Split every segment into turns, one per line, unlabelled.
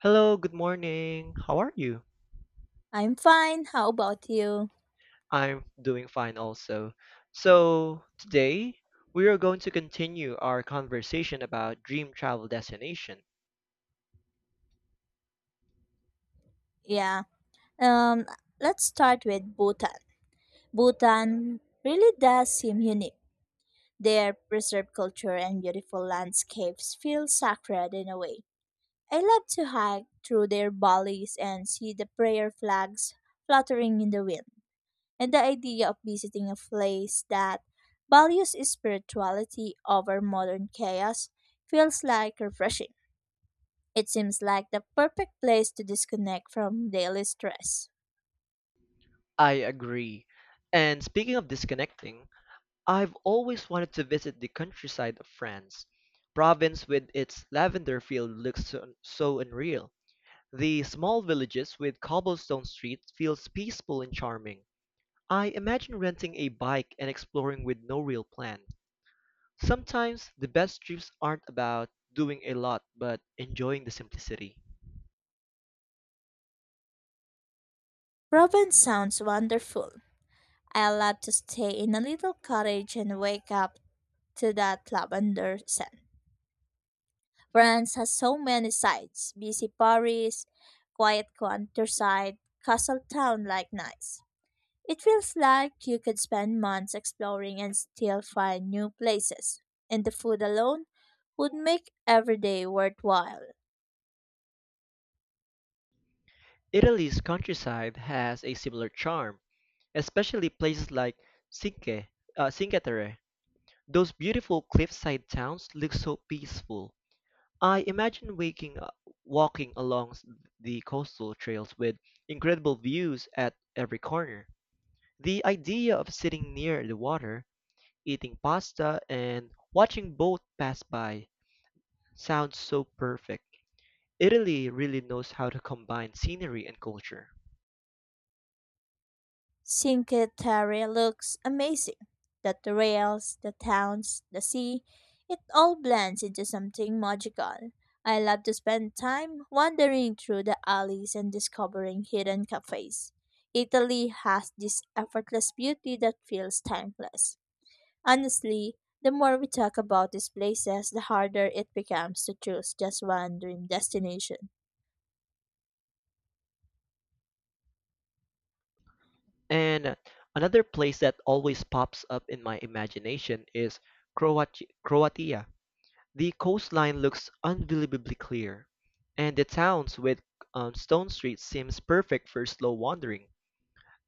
Hello, good morning. How are you?
I'm fine. How about you?
I'm doing fine also. So, today we are going to continue our conversation about dream travel destination.
Yeah. Um let's start with Bhutan. Bhutan really does seem unique. Their preserved culture and beautiful landscapes feel sacred in a way. I love to hike through their valleys and see the prayer flags fluttering in the wind. And the idea of visiting a place that values spirituality over modern chaos feels like refreshing. It seems like the perfect place to disconnect from daily stress.
I agree. And speaking of disconnecting, I've always wanted to visit the countryside of France. Provence, with its lavender field looks so unreal. The small villages with cobblestone streets feels peaceful and charming. I imagine renting a bike and exploring with no real plan. Sometimes the best trips aren't about doing a lot but enjoying the simplicity.
Robin sounds wonderful. I love to stay in a little cottage and wake up to that lavender scent. France has so many sights: busy Paris, quiet countryside, castle town like Nice. It feels like you could spend months exploring and still find new places, and the food alone would make every day worthwhile.
Italy's countryside has a similar charm, especially places like Cinque, Cinque Terre. Those beautiful cliffside towns look so peaceful. I imagine walking along the coastal trails with incredible views at every corner. The idea of sitting near the water, eating pasta, and watching boats pass by sounds so perfect. Italy really knows how to combine scenery and culture.
Cinque looks amazing. The trails, the towns, the sea, it all blends into something magical. I love to spend time wandering through the alleys and discovering hidden cafes. Italy has this effortless beauty that feels timeless. Honestly, the more we talk about these places, the harder it becomes to choose just one dream destination.
And another place that always pops up in my imagination is Croatia. The coastline looks unbelievably clear, and the towns with stone streets seems perfect for slow wandering.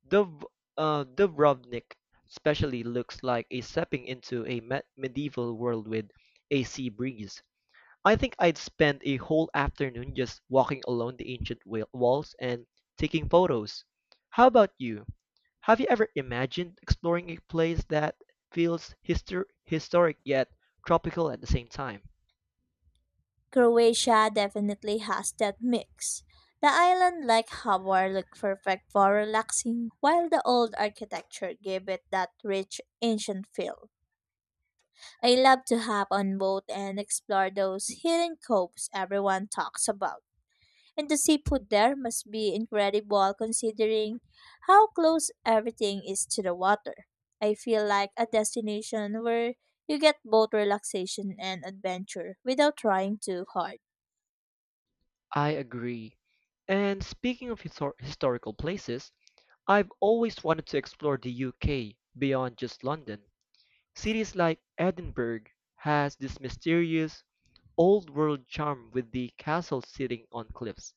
Dub- Dubrovnik especially looks like a stepping into a medieval world with a sea breeze. I think I'd spend a whole afternoon just walking along the ancient walls and taking photos. How about you? Have you ever imagined exploring a place that feels historic yet tropical at the same time?
Croatia definitely has that mix. The island like Hvar look perfect for relaxing while the old architecture give it that rich ancient feel. I love to hop on boat and explore those hidden coves everyone talks about. And the seafood there must be incredible considering how close everything is to the water. I feel like a destination where you get both relaxation and adventure without trying too hard.
I agree. And speaking of historical places, I've always wanted to explore the UK beyond just London. Cities like Edinburgh has this mysterious old world charm with the castle sitting on cliffs.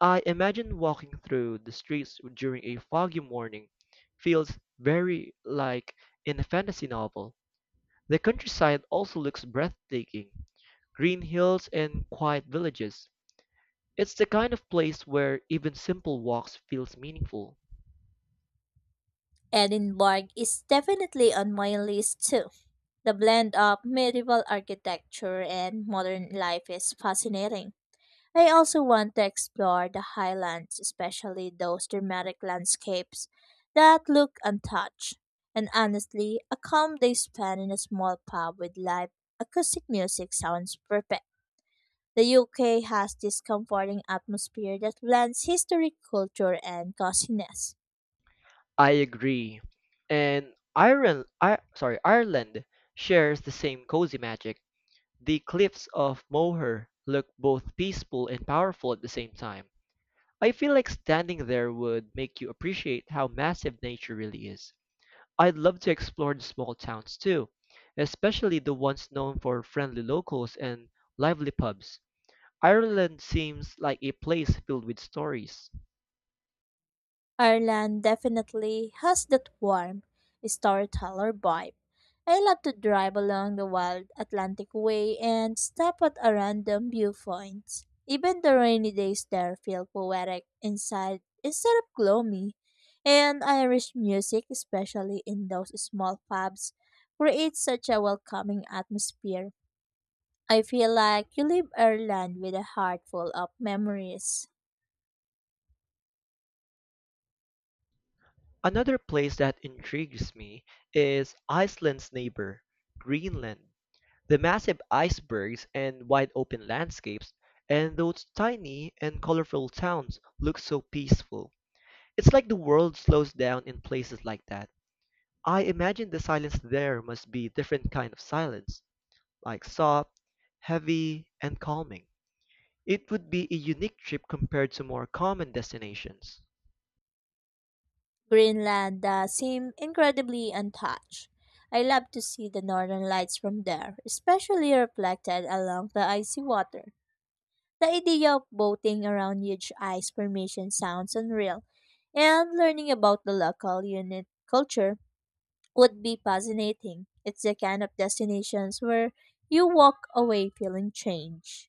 I imagine walking through the streets during a foggy morning feels very like in a fantasy novel. The countryside also looks breathtaking, green hills and quiet villages. It's the kind of place where even simple walks feels meaningful.
Edinburgh is definitely on my list too. The blend of medieval architecture and modern life is fascinating. I also want to explore the highlands, especially those dramatic landscapes that look untouched. And honestly, a calm day spent in a small pub with live acoustic music sounds perfect. The UK has this comforting atmosphere that blends history, culture, and coziness.
I agree. And Ireland shares the same cozy magic. The cliffs of Moher look both peaceful and powerful at the same time. I feel like standing there would make you appreciate how massive nature really is. I'd love to explore the small towns too, especially the ones known for friendly locals and lively pubs. Ireland seems like a place filled with stories.
Ireland definitely has that warm storyteller vibe. I love to drive along the wild Atlantic Way and stop at a random viewpoint. Even the rainy days there feel poetic inside instead of gloomy. And Irish music, especially in those small pubs, creates such a welcoming atmosphere. I feel like you leave Ireland with a heart full of memories.
Another place that intrigues me is Iceland's neighbor, Greenland. The massive icebergs and wide open landscapes, and those tiny and colorful towns look so peaceful. It's like the world slows down in places like that. I imagine the silence there must be different kind of silence, like soft, heavy, and calming. It would be a unique trip compared to more common destinations.
Greenland seem incredibly untouched. I love to see the northern lights from there, especially reflected along the icy water. The idea of boating around huge ice formation sounds unreal, and learning about the local unit culture would be fascinating. It's the kind of destinations where you walk away feeling changed.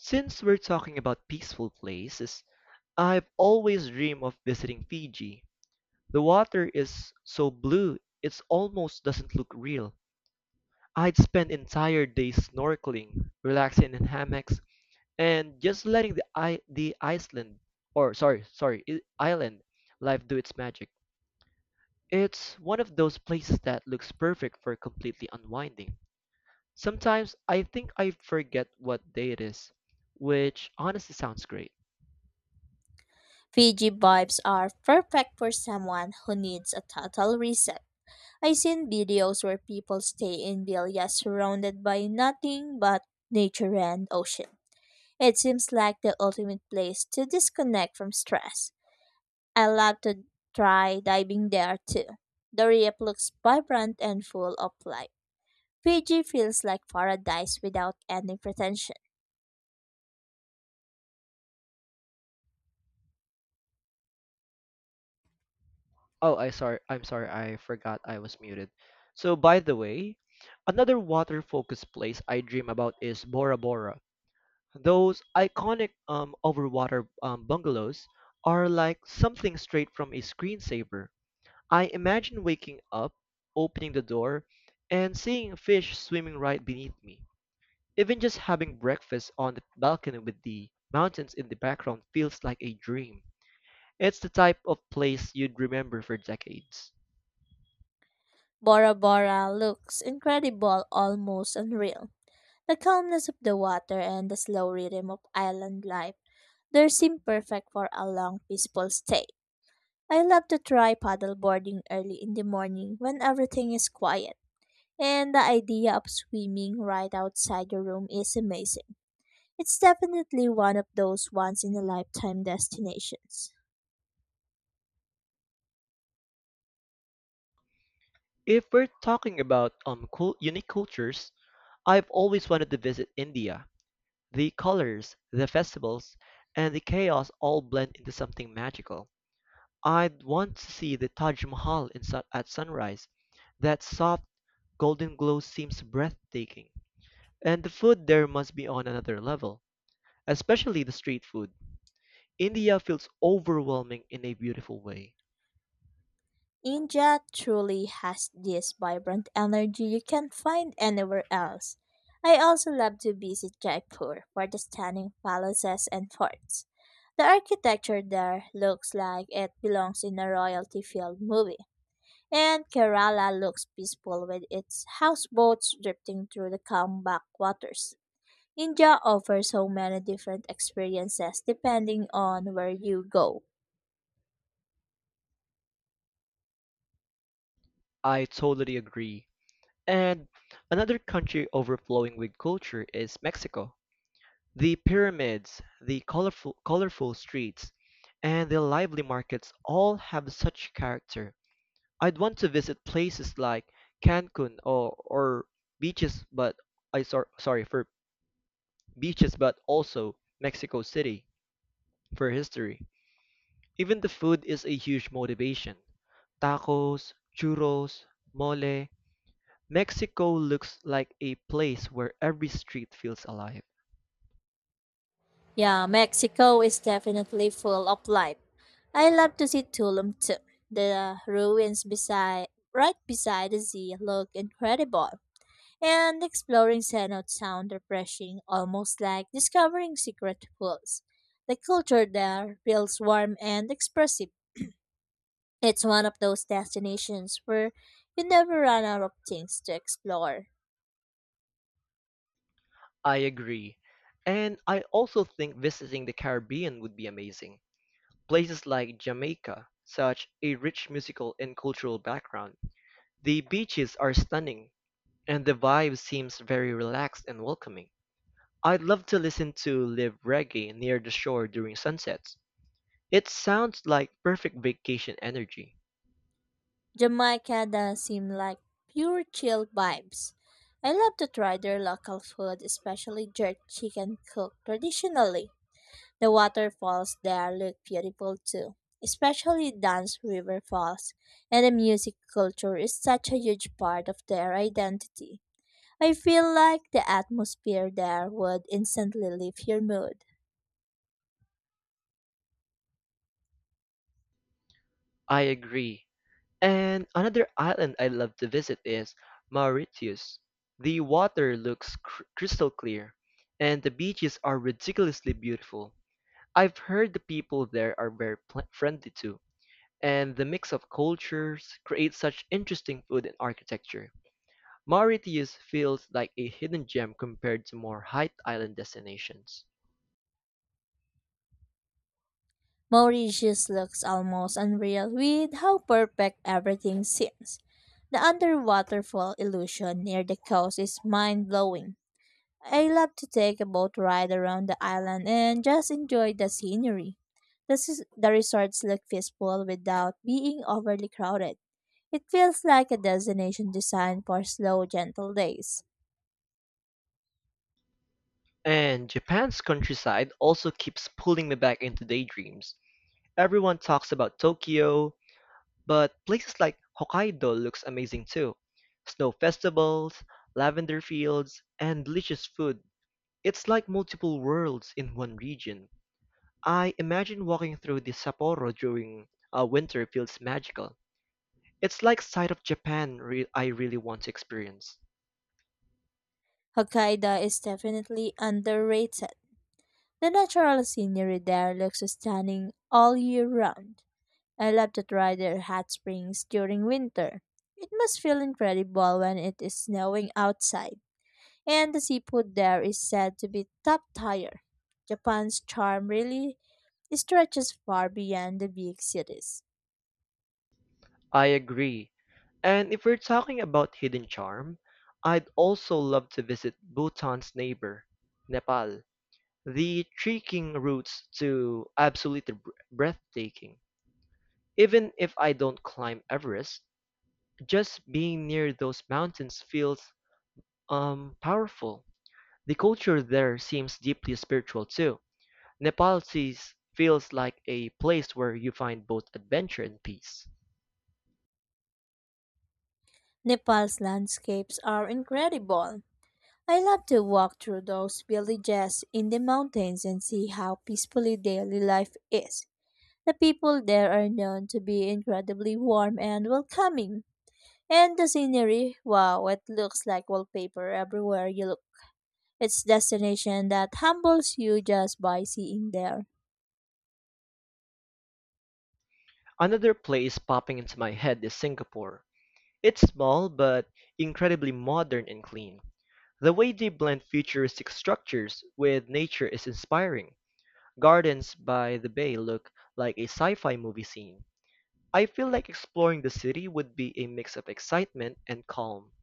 Since we're talking about peaceful places, I've always dreamed of visiting Fiji. The water is so blue, it almost doesn't look real. I'd spend entire days snorkeling, relaxing in hammocks, and just letting the I the Iceland or sorry, sorry, I- island life do its magic. It's one of those places that looks perfect for completely unwinding. Sometimes I think I forget what day it is, which honestly sounds great.
Fiji vibes are perfect for someone who needs a total reset. I seen videos where people stay in villas surrounded by nothing but nature and ocean. It seems like the ultimate place to disconnect from stress. I love to try diving there too. The reef looks vibrant and full of life. Fiji feels like paradise without any pretension.
I'm sorry. I forgot I was muted. So, by the way, another water-focused place I dream about is Bora Bora. Those iconic overwater bungalows are like something straight from a screensaver. I imagine waking up, opening the door, and seeing fish swimming right beneath me. Even just having breakfast on the balcony with the mountains in the background feels like a dream. It's the type of place you'd remember for decades.
Bora Bora looks incredible, almost unreal. The calmness of the water and the slow rhythm of island life, they seem perfect for a long, peaceful stay. I love to try paddleboarding early in the morning when everything is quiet, and the idea of swimming right outside your room is amazing. It's definitely one of those once in a lifetime destinations.
If we're talking about cool, unique cultures, I've always wanted to visit India. The colors, the festivals, and the chaos all blend into something magical. I'd want to see the Taj Mahal at sunrise. That soft golden glow seems breathtaking. And the food there must be on another level, especially the street food. India feels overwhelming in a beautiful way.
India truly has this vibrant energy you can't find anywhere else. I also love to visit Jaipur for the stunning palaces and forts. The architecture there looks like it belongs in a royalty filled movie. And Kerala looks peaceful with its houseboats drifting through the calm backwaters. India offers so many different experiences depending on where you go.
I totally agree. And another country overflowing with culture is Mexico. The pyramids, the colorful streets, and the lively markets all have such character. I'd want to visit places like Cancun or beaches, but I sor sorry for beaches but also Mexico City for history. Even the food is a huge motivation. Tacos, churros, mole. Mexico looks like a place where every street feels alive.
Yeah, Mexico is definitely full of life. I love to see Tulum too. The ruins beside right beside the sea look incredible. And exploring cenotes sound refreshing, almost like discovering secret pools. The culture there feels warm and expressive. It's one of those destinations where you never run out of things to explore.
I agree. And I also think visiting the Caribbean would be amazing. Places like Jamaica, such a rich musical and cultural background. The beaches are stunning, and the vibe seems very relaxed and welcoming. I'd love to listen to live reggae near the shore during sunsets. It sounds like perfect vacation energy.
Jamaica does seem like pure chill vibes. I love to try their local food, especially jerk chicken cooked traditionally. The waterfalls there look beautiful too, especially Dance River Falls, and the music culture is such a huge part of their identity. I feel like the atmosphere there would instantly lift your mood.
I agree. And another island I love to visit is Mauritius. The water looks crystal clear, and the beaches are ridiculously beautiful. I've heard the people there are very friendly too, and the mix of cultures creates such interesting food and architecture. Mauritius feels like a hidden gem compared to more high island destinations.
Mauritius looks almost unreal with how perfect everything seems. The underwaterfall illusion near the coast is mind blowing. I love to take a boat ride around the island and just enjoy the scenery. The the resorts look peaceful without being overly crowded. It feels like a destination designed for slow, gentle days.
And Japan's countryside also keeps pulling me back into daydreams. Everyone talks about Tokyo, but places like Hokkaido looks amazing too. Snow festivals, lavender fields, and delicious food. It's like multiple worlds in one region. I imagine walking through the Sapporo during winter feels magical. It's like side of Japan I really want to experience.
Hokkaido is definitely underrated. The natural scenery there looks stunning all year round. I love to try their hot springs during winter. It must feel incredible when it is snowing outside, and the seafood there is said to be top tier. Japan's charm really stretches far beyond the big cities.
I agree. And if we're talking about hidden charm, I'd also love to visit Bhutan's neighbor, Nepal. The trekking routes to absolutely breathtaking. Even if I don't climb Everest, just being near those mountains feels powerful. The culture there seems deeply spiritual too. Nepal feels like a place where you find both adventure and peace.
Nepal's landscapes are incredible. I love to walk through those villages in the mountains and see how peacefully daily life is. The people there are known to be incredibly warm and welcoming. And the scenery, wow, it looks like wallpaper everywhere you look. It's destination that humbles you just by seeing there.
Another place popping into my head is Singapore. It's small but incredibly modern and clean. The way they blend futuristic structures with nature is inspiring. Gardens by the bay look like a sci-fi movie scene. I feel like exploring the city would be a mix of excitement and calm.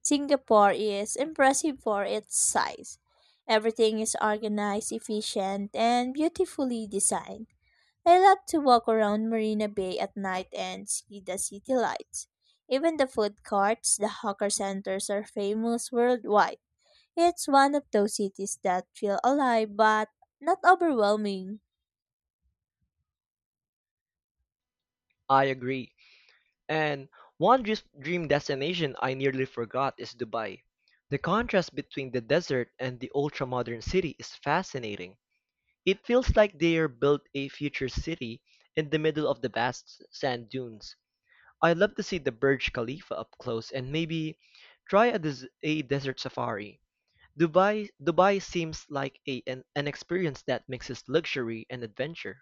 Singapore is impressive for its size. Everything is organized, efficient, and beautifully designed. I love to walk around Marina Bay at night and see the city lights. Even the food courts, the hawker centers are famous worldwide. It's one of those cities that feel alive but not overwhelming.
I agree. And one dream destination I nearly forgot is Dubai. The contrast between the desert and the ultra-modern city is fascinating. It feels like they are built a future city in the middle of the vast sand dunes. I'd love to see the Burj Khalifa up close and maybe try a desert safari. Dubai seems like an experience that mixes luxury and adventure.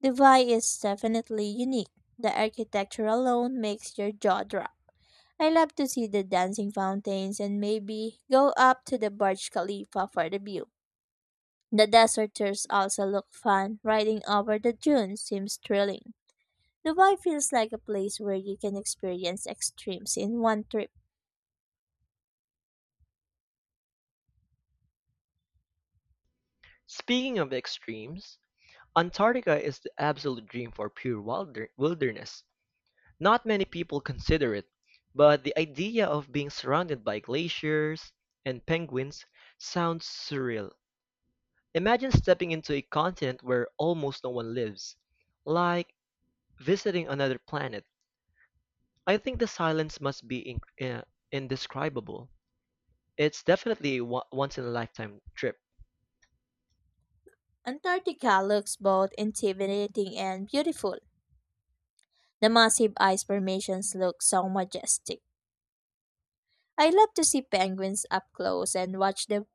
The Vy is definitely unique. The architecture alone makes your jaw drop. I love to see the dancing fountains and maybe go up to the Burj Khalifa for the view. The deserters also look fun. Riding over the dunes seems thrilling. Dubai feels like a place where you can experience extremes in one trip.
Speaking of extremes, Antarctica is the absolute dream for pure wilderness. Not many people consider it, but the idea of being surrounded by glaciers and penguins sounds surreal. Imagine stepping into a continent where almost no one lives, like visiting another planet. I think the silence must be indescribable. It's definitely a once in a lifetime trip.
Antarctica looks both intimidating and beautiful. The massive ice formations look so majestic. I love to see penguins up close and watch them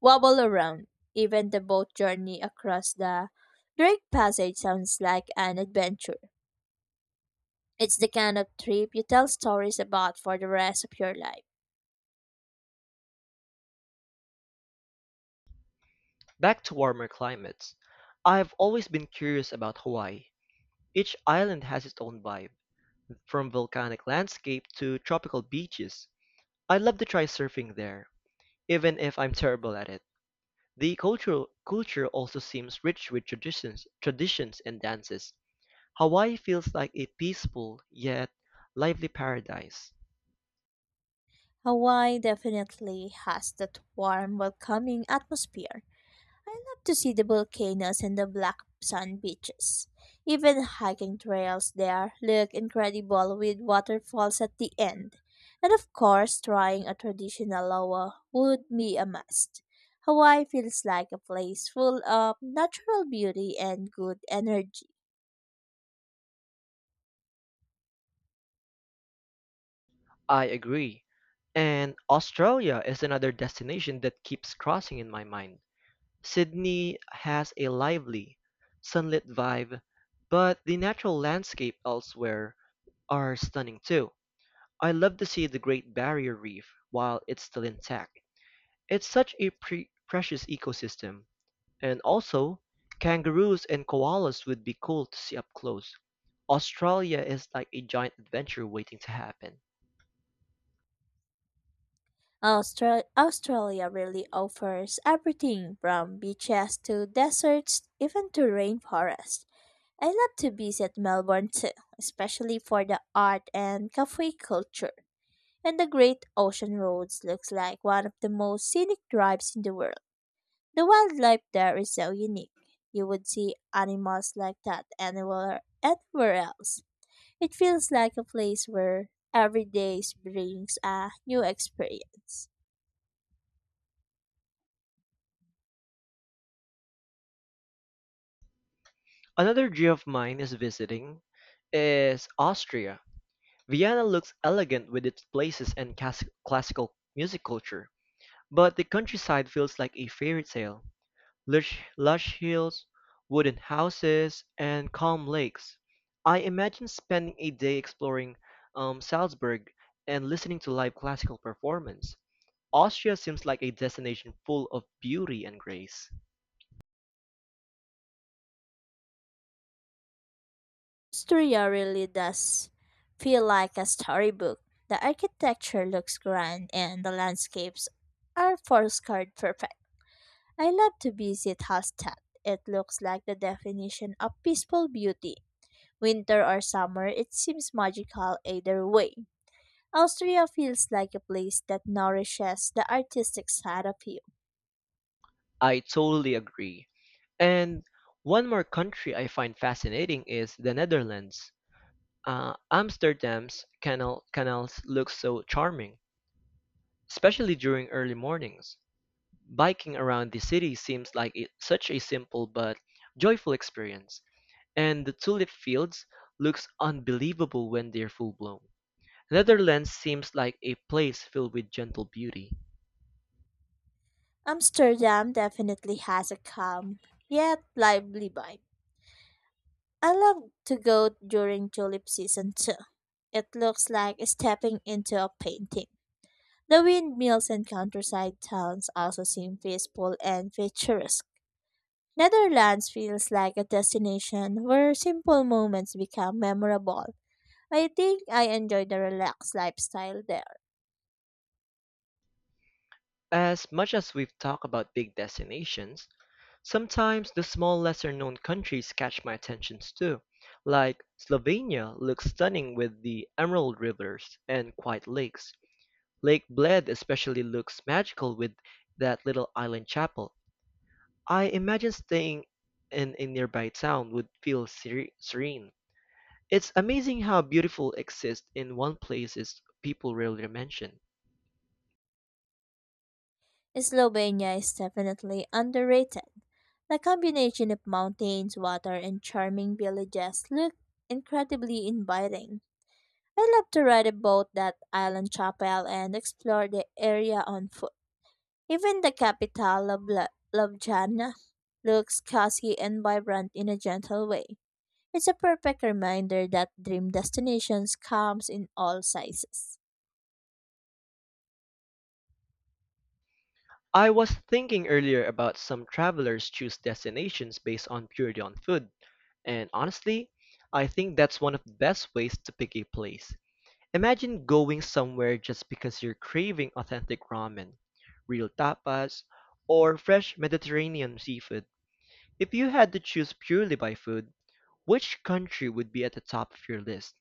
wobble around. Even the boat journey across the Drake Passage sounds like an adventure. It's the kind of trip you tell stories about for the rest of your life.
Back to warmer climates. I've always been curious about Hawaii. Each island has its own vibe from volcanic landscape to tropical beaches. I'd love to try surfing there, even if I'm terrible at it. The cultural culture also seems rich with traditions and dances. Hawaii feels like a peaceful yet lively paradise.
Hawaii definitely has that warm, welcoming atmosphere. I love to see the volcanoes and the black sand beaches. Even hiking trails there look incredible with waterfalls at the end. And of course, trying a traditional loa would be a must. Hawaii feels like a place full of natural beauty and good energy.
I agree. And Australia is another destination that keeps crossing in my mind. Sydney has a lively, sunlit vibe, but the natural landscape elsewhere are stunning too. I love to see the Great Barrier Reef while it's still intact. It's such a precious ecosystem. And also, kangaroos and koalas would be cool to see up close. Australia is like a giant adventure waiting to happen.
Australia really offers everything from beaches to deserts, even to rainforests. I love to visit Melbourne too, especially for the art and cafe culture. And the Great Ocean Roads looks like one of the most scenic drives in the world. The wildlife there is so unique. You would see animals like that anywhere, anywhere else. It feels like a place where every day brings a new experience.
Another dream of mine is visiting is Austria. Vienna looks elegant with its places and classical music culture, but the countryside feels like a fairy tale. Lush, lush hills, wooden houses, and calm lakes. I imagine spending a day exploring Salzburg and listening to live classical performance. Austria seems like a destination full of beauty and grace.
Asturia really does feel like a storybook. The architecture looks grand and the landscapes are postcard perfect. I love to visit Hallstatt. It looks like the definition of peaceful beauty. Winter or summer, it seems magical either way. Austria feels like a place that nourishes the artistic side of you.
I totally agree. And one more country I find fascinating is the Netherlands. Amsterdam's canals look so charming, especially during early mornings. Biking around the city seems like it, such a simple but joyful experience, and the tulip fields looks unbelievable when they're full blown. Netherlands seems like a place filled with gentle beauty.
Amsterdam definitely has a calm yet lively vibe. I love to go during tulip season too. It looks like stepping into a painting. The windmills and countryside towns also seem peaceful and picturesque. Netherlands feels like a destination where simple moments become memorable. I think I enjoy the relaxed lifestyle there.
As much as we've talked about big destinations, sometimes the small lesser known countries catch my attentions too. Like Slovenia looks stunning with the emerald rivers and quiet lakes. Lake Bled especially looks magical with that little island chapel. I imagine staying in a nearby town would feel serene. It's amazing how beautiful exists in one places people rarely mention.
Slovenia is definitely underrated. The combination of mountains, water, and charming villages look incredibly inviting. I love to ride a boat that island chapel and explore the area on foot. Even the capital of Ljubljana looks classy and vibrant in a gentle way. It's a perfect reminder that dream destinations comes in all sizes.
I was thinking earlier about some travelers choose destinations based on purely on food, and honestly, I think that's one of the best ways to pick a place. Imagine going somewhere just because you're craving authentic ramen, real tapas, or fresh Mediterranean seafood. If you had to choose purely by food, which country would be at the top of your list?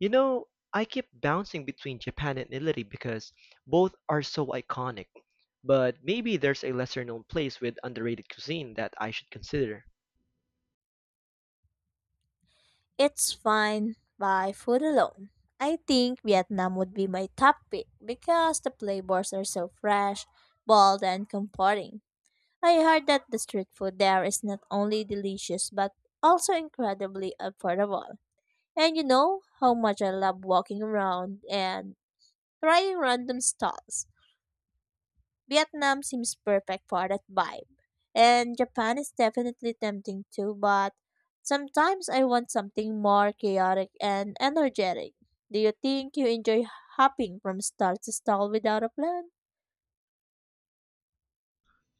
You know, I keep bouncing between Japan and Italy because both are so iconic. But maybe there's a lesser known place with underrated cuisine that I should consider.
It's fine by food alone. I think Vietnam would be my top pick because the flavors are so fresh, bold, and comforting. I heard that the street food there is not only delicious but also incredibly affordable. And you know how much I love walking around and trying random stalls. Vietnam seems perfect for that vibe. And Japan is definitely tempting too, but sometimes I want something more chaotic and energetic. Do you think you enjoy hopping from stall to stall without a plan?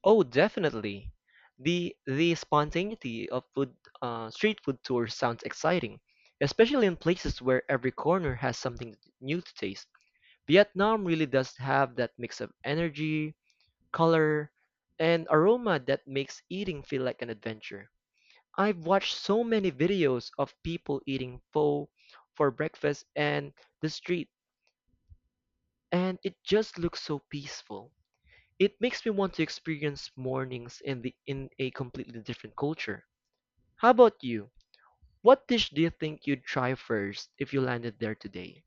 Oh, definitely. The spontaneity of food street food tours sounds exciting, especially in places where every corner has something new to taste. Vietnam really does have that mix of energy, color, and aroma that makes eating feel like an adventure. I've watched so many videos of people eating pho for breakfast and the street, and it just looks so peaceful. It makes me want to experience mornings in a completely different culture. How about you? What dish do you think you'd try first if you landed there today?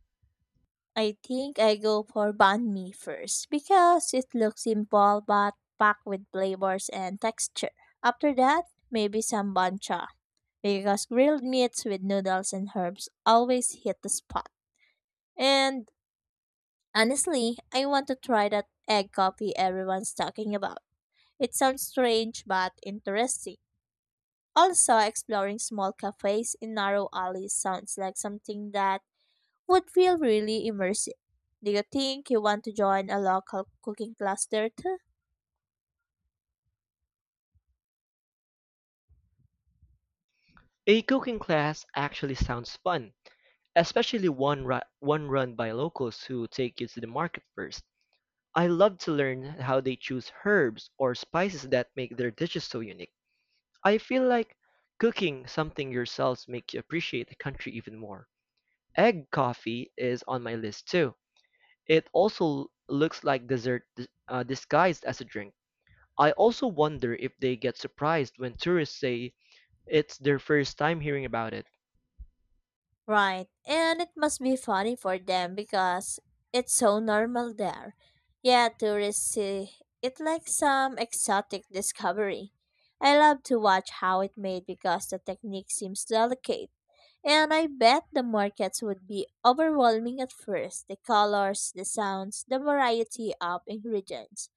I think I go for banh mi first because it looks simple but packed with flavors and texture. After that, maybe some bancha because grilled meats with noodles and herbs always hit the spot. And honestly, I want to try that egg coffee everyone's talking about. It sounds strange but interesting. Also, exploring small cafes in narrow alleys sounds like something that would feel really immersive. Do you think you want to join a local cooking cluster too?
A cooking class actually sounds fun, especially one run by locals who take you to the market first. I love to learn how they choose herbs or spices that make their dishes so unique. I feel like cooking something yourselves makes you appreciate the country even more. Egg coffee is on my list too. It also looks like disguised as a drink. I also wonder if they get surprised when tourists say it's their first time hearing about it.
Right, and it must be funny for them because it's so normal there. Yeah, tourists see it like some exotic discovery. I love to watch how it made because the technique seems delicate. And I bet the markets would be overwhelming at first the colors, the sounds, the variety of ingredients.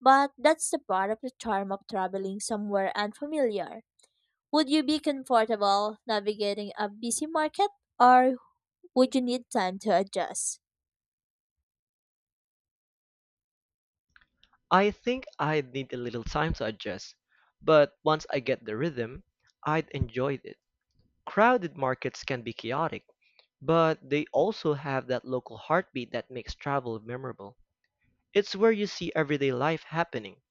But that's the part of the charm of traveling somewhere unfamiliar. Would you be comfortable navigating a busy market or would you need time to adjust?
I think I'd need a little time to adjust, but once I get the rhythm, I'd enjoy it. Crowded markets can be chaotic, but they also have that local heartbeat that makes travel memorable. It's where you see everyday life happening,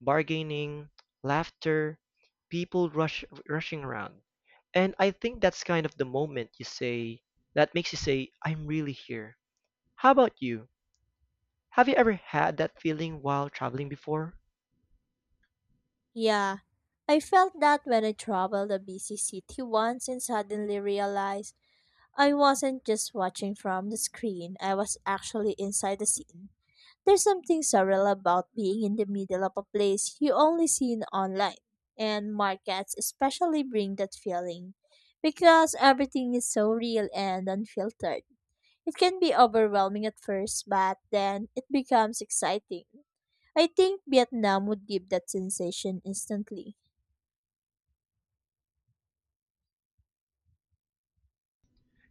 bargaining, laughter, rushing around. And I think that's kind of the moment you say, that makes you say, I'm really here. How about you? Have you ever had that feeling while traveling before?
Yeah, I felt that when I traveled a busy city once and suddenly realized I wasn't just watching from the screen, I was actually inside the scene. There's something surreal about being in the middle of a place you only see in online, and markets especially bring that feeling because everything is so real and unfiltered. It can be overwhelming at first, but then it becomes exciting. I think Vietnam would give that sensation instantly.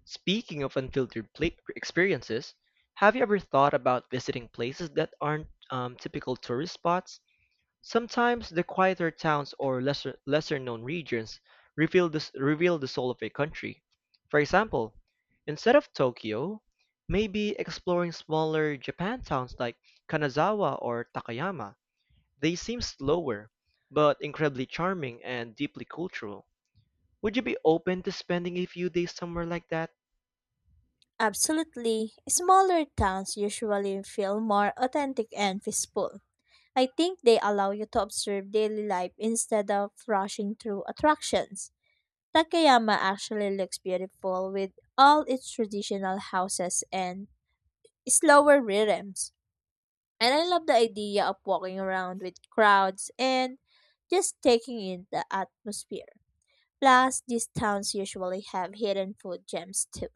Speaking of unfiltered pla experiences, have you ever thought about visiting places that aren't typical tourist spots? Sometimes the quieter towns or lesser-known regions reveal reveal the soul of a country. For example, instead of Tokyo, maybe exploring smaller Japan towns like Kanazawa or Takayama. They seem slower, but incredibly charming and deeply cultural. Would you be open to spending a few days somewhere like that?
Absolutely, smaller towns usually feel more authentic and peaceful. I think they allow you to observe daily life instead of rushing through attractions. Takayama actually looks beautiful with all its traditional houses and slower rhythms. And I love the idea of walking around with crowds and just taking in the atmosphere. Plus, these towns usually have hidden food gems too.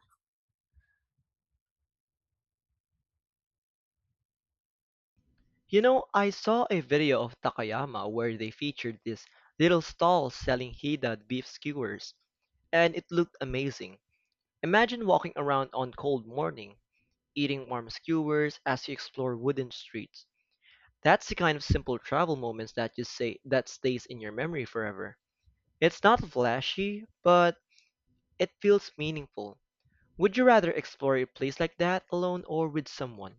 You know, I saw a video of Takayama where they featured this little stall selling Hida beef skewers, and it looked amazing. Imagine walking around on cold morning, eating warm skewers as you explore wooden streets. That's the kind of simple travel moments that just say that stays in your memory forever. It's not flashy, but it feels meaningful. Would you rather explore a place like that alone or with someone?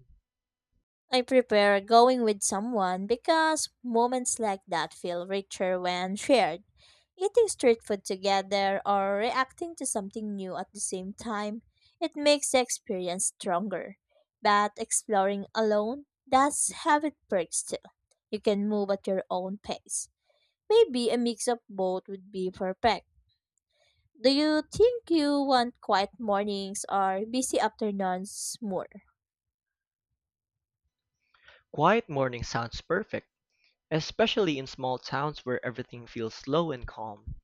I prefer going with someone because moments like that feel richer when shared. Eating street food together or reacting to something new at the same time, it makes the experience stronger. But exploring alone does have its perks too. You can move at your own pace. Maybe a mix of both would be perfect. Do you think you want quiet mornings or busy afternoons more?
Quiet morning sounds perfect, especially in small towns where everything feels slow and calm.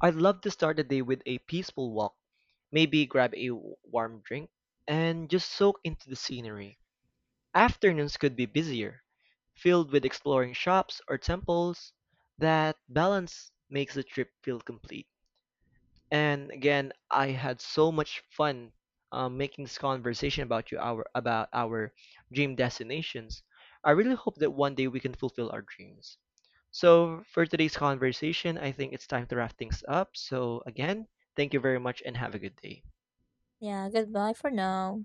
I'd love to start the day with a peaceful walk, maybe grab a warm drink, and just soak into the scenery. Afternoons could be busier, filled with exploring shops or temples. That balance makes the trip feel complete. And again, I had so much fun making this conversation about our dream destinations. I really hope that one day we can fulfill our dreams. So for today's conversation, I think it's time to wrap things up. So again, thank you very much and have a good day.
Yeah, goodbye for now.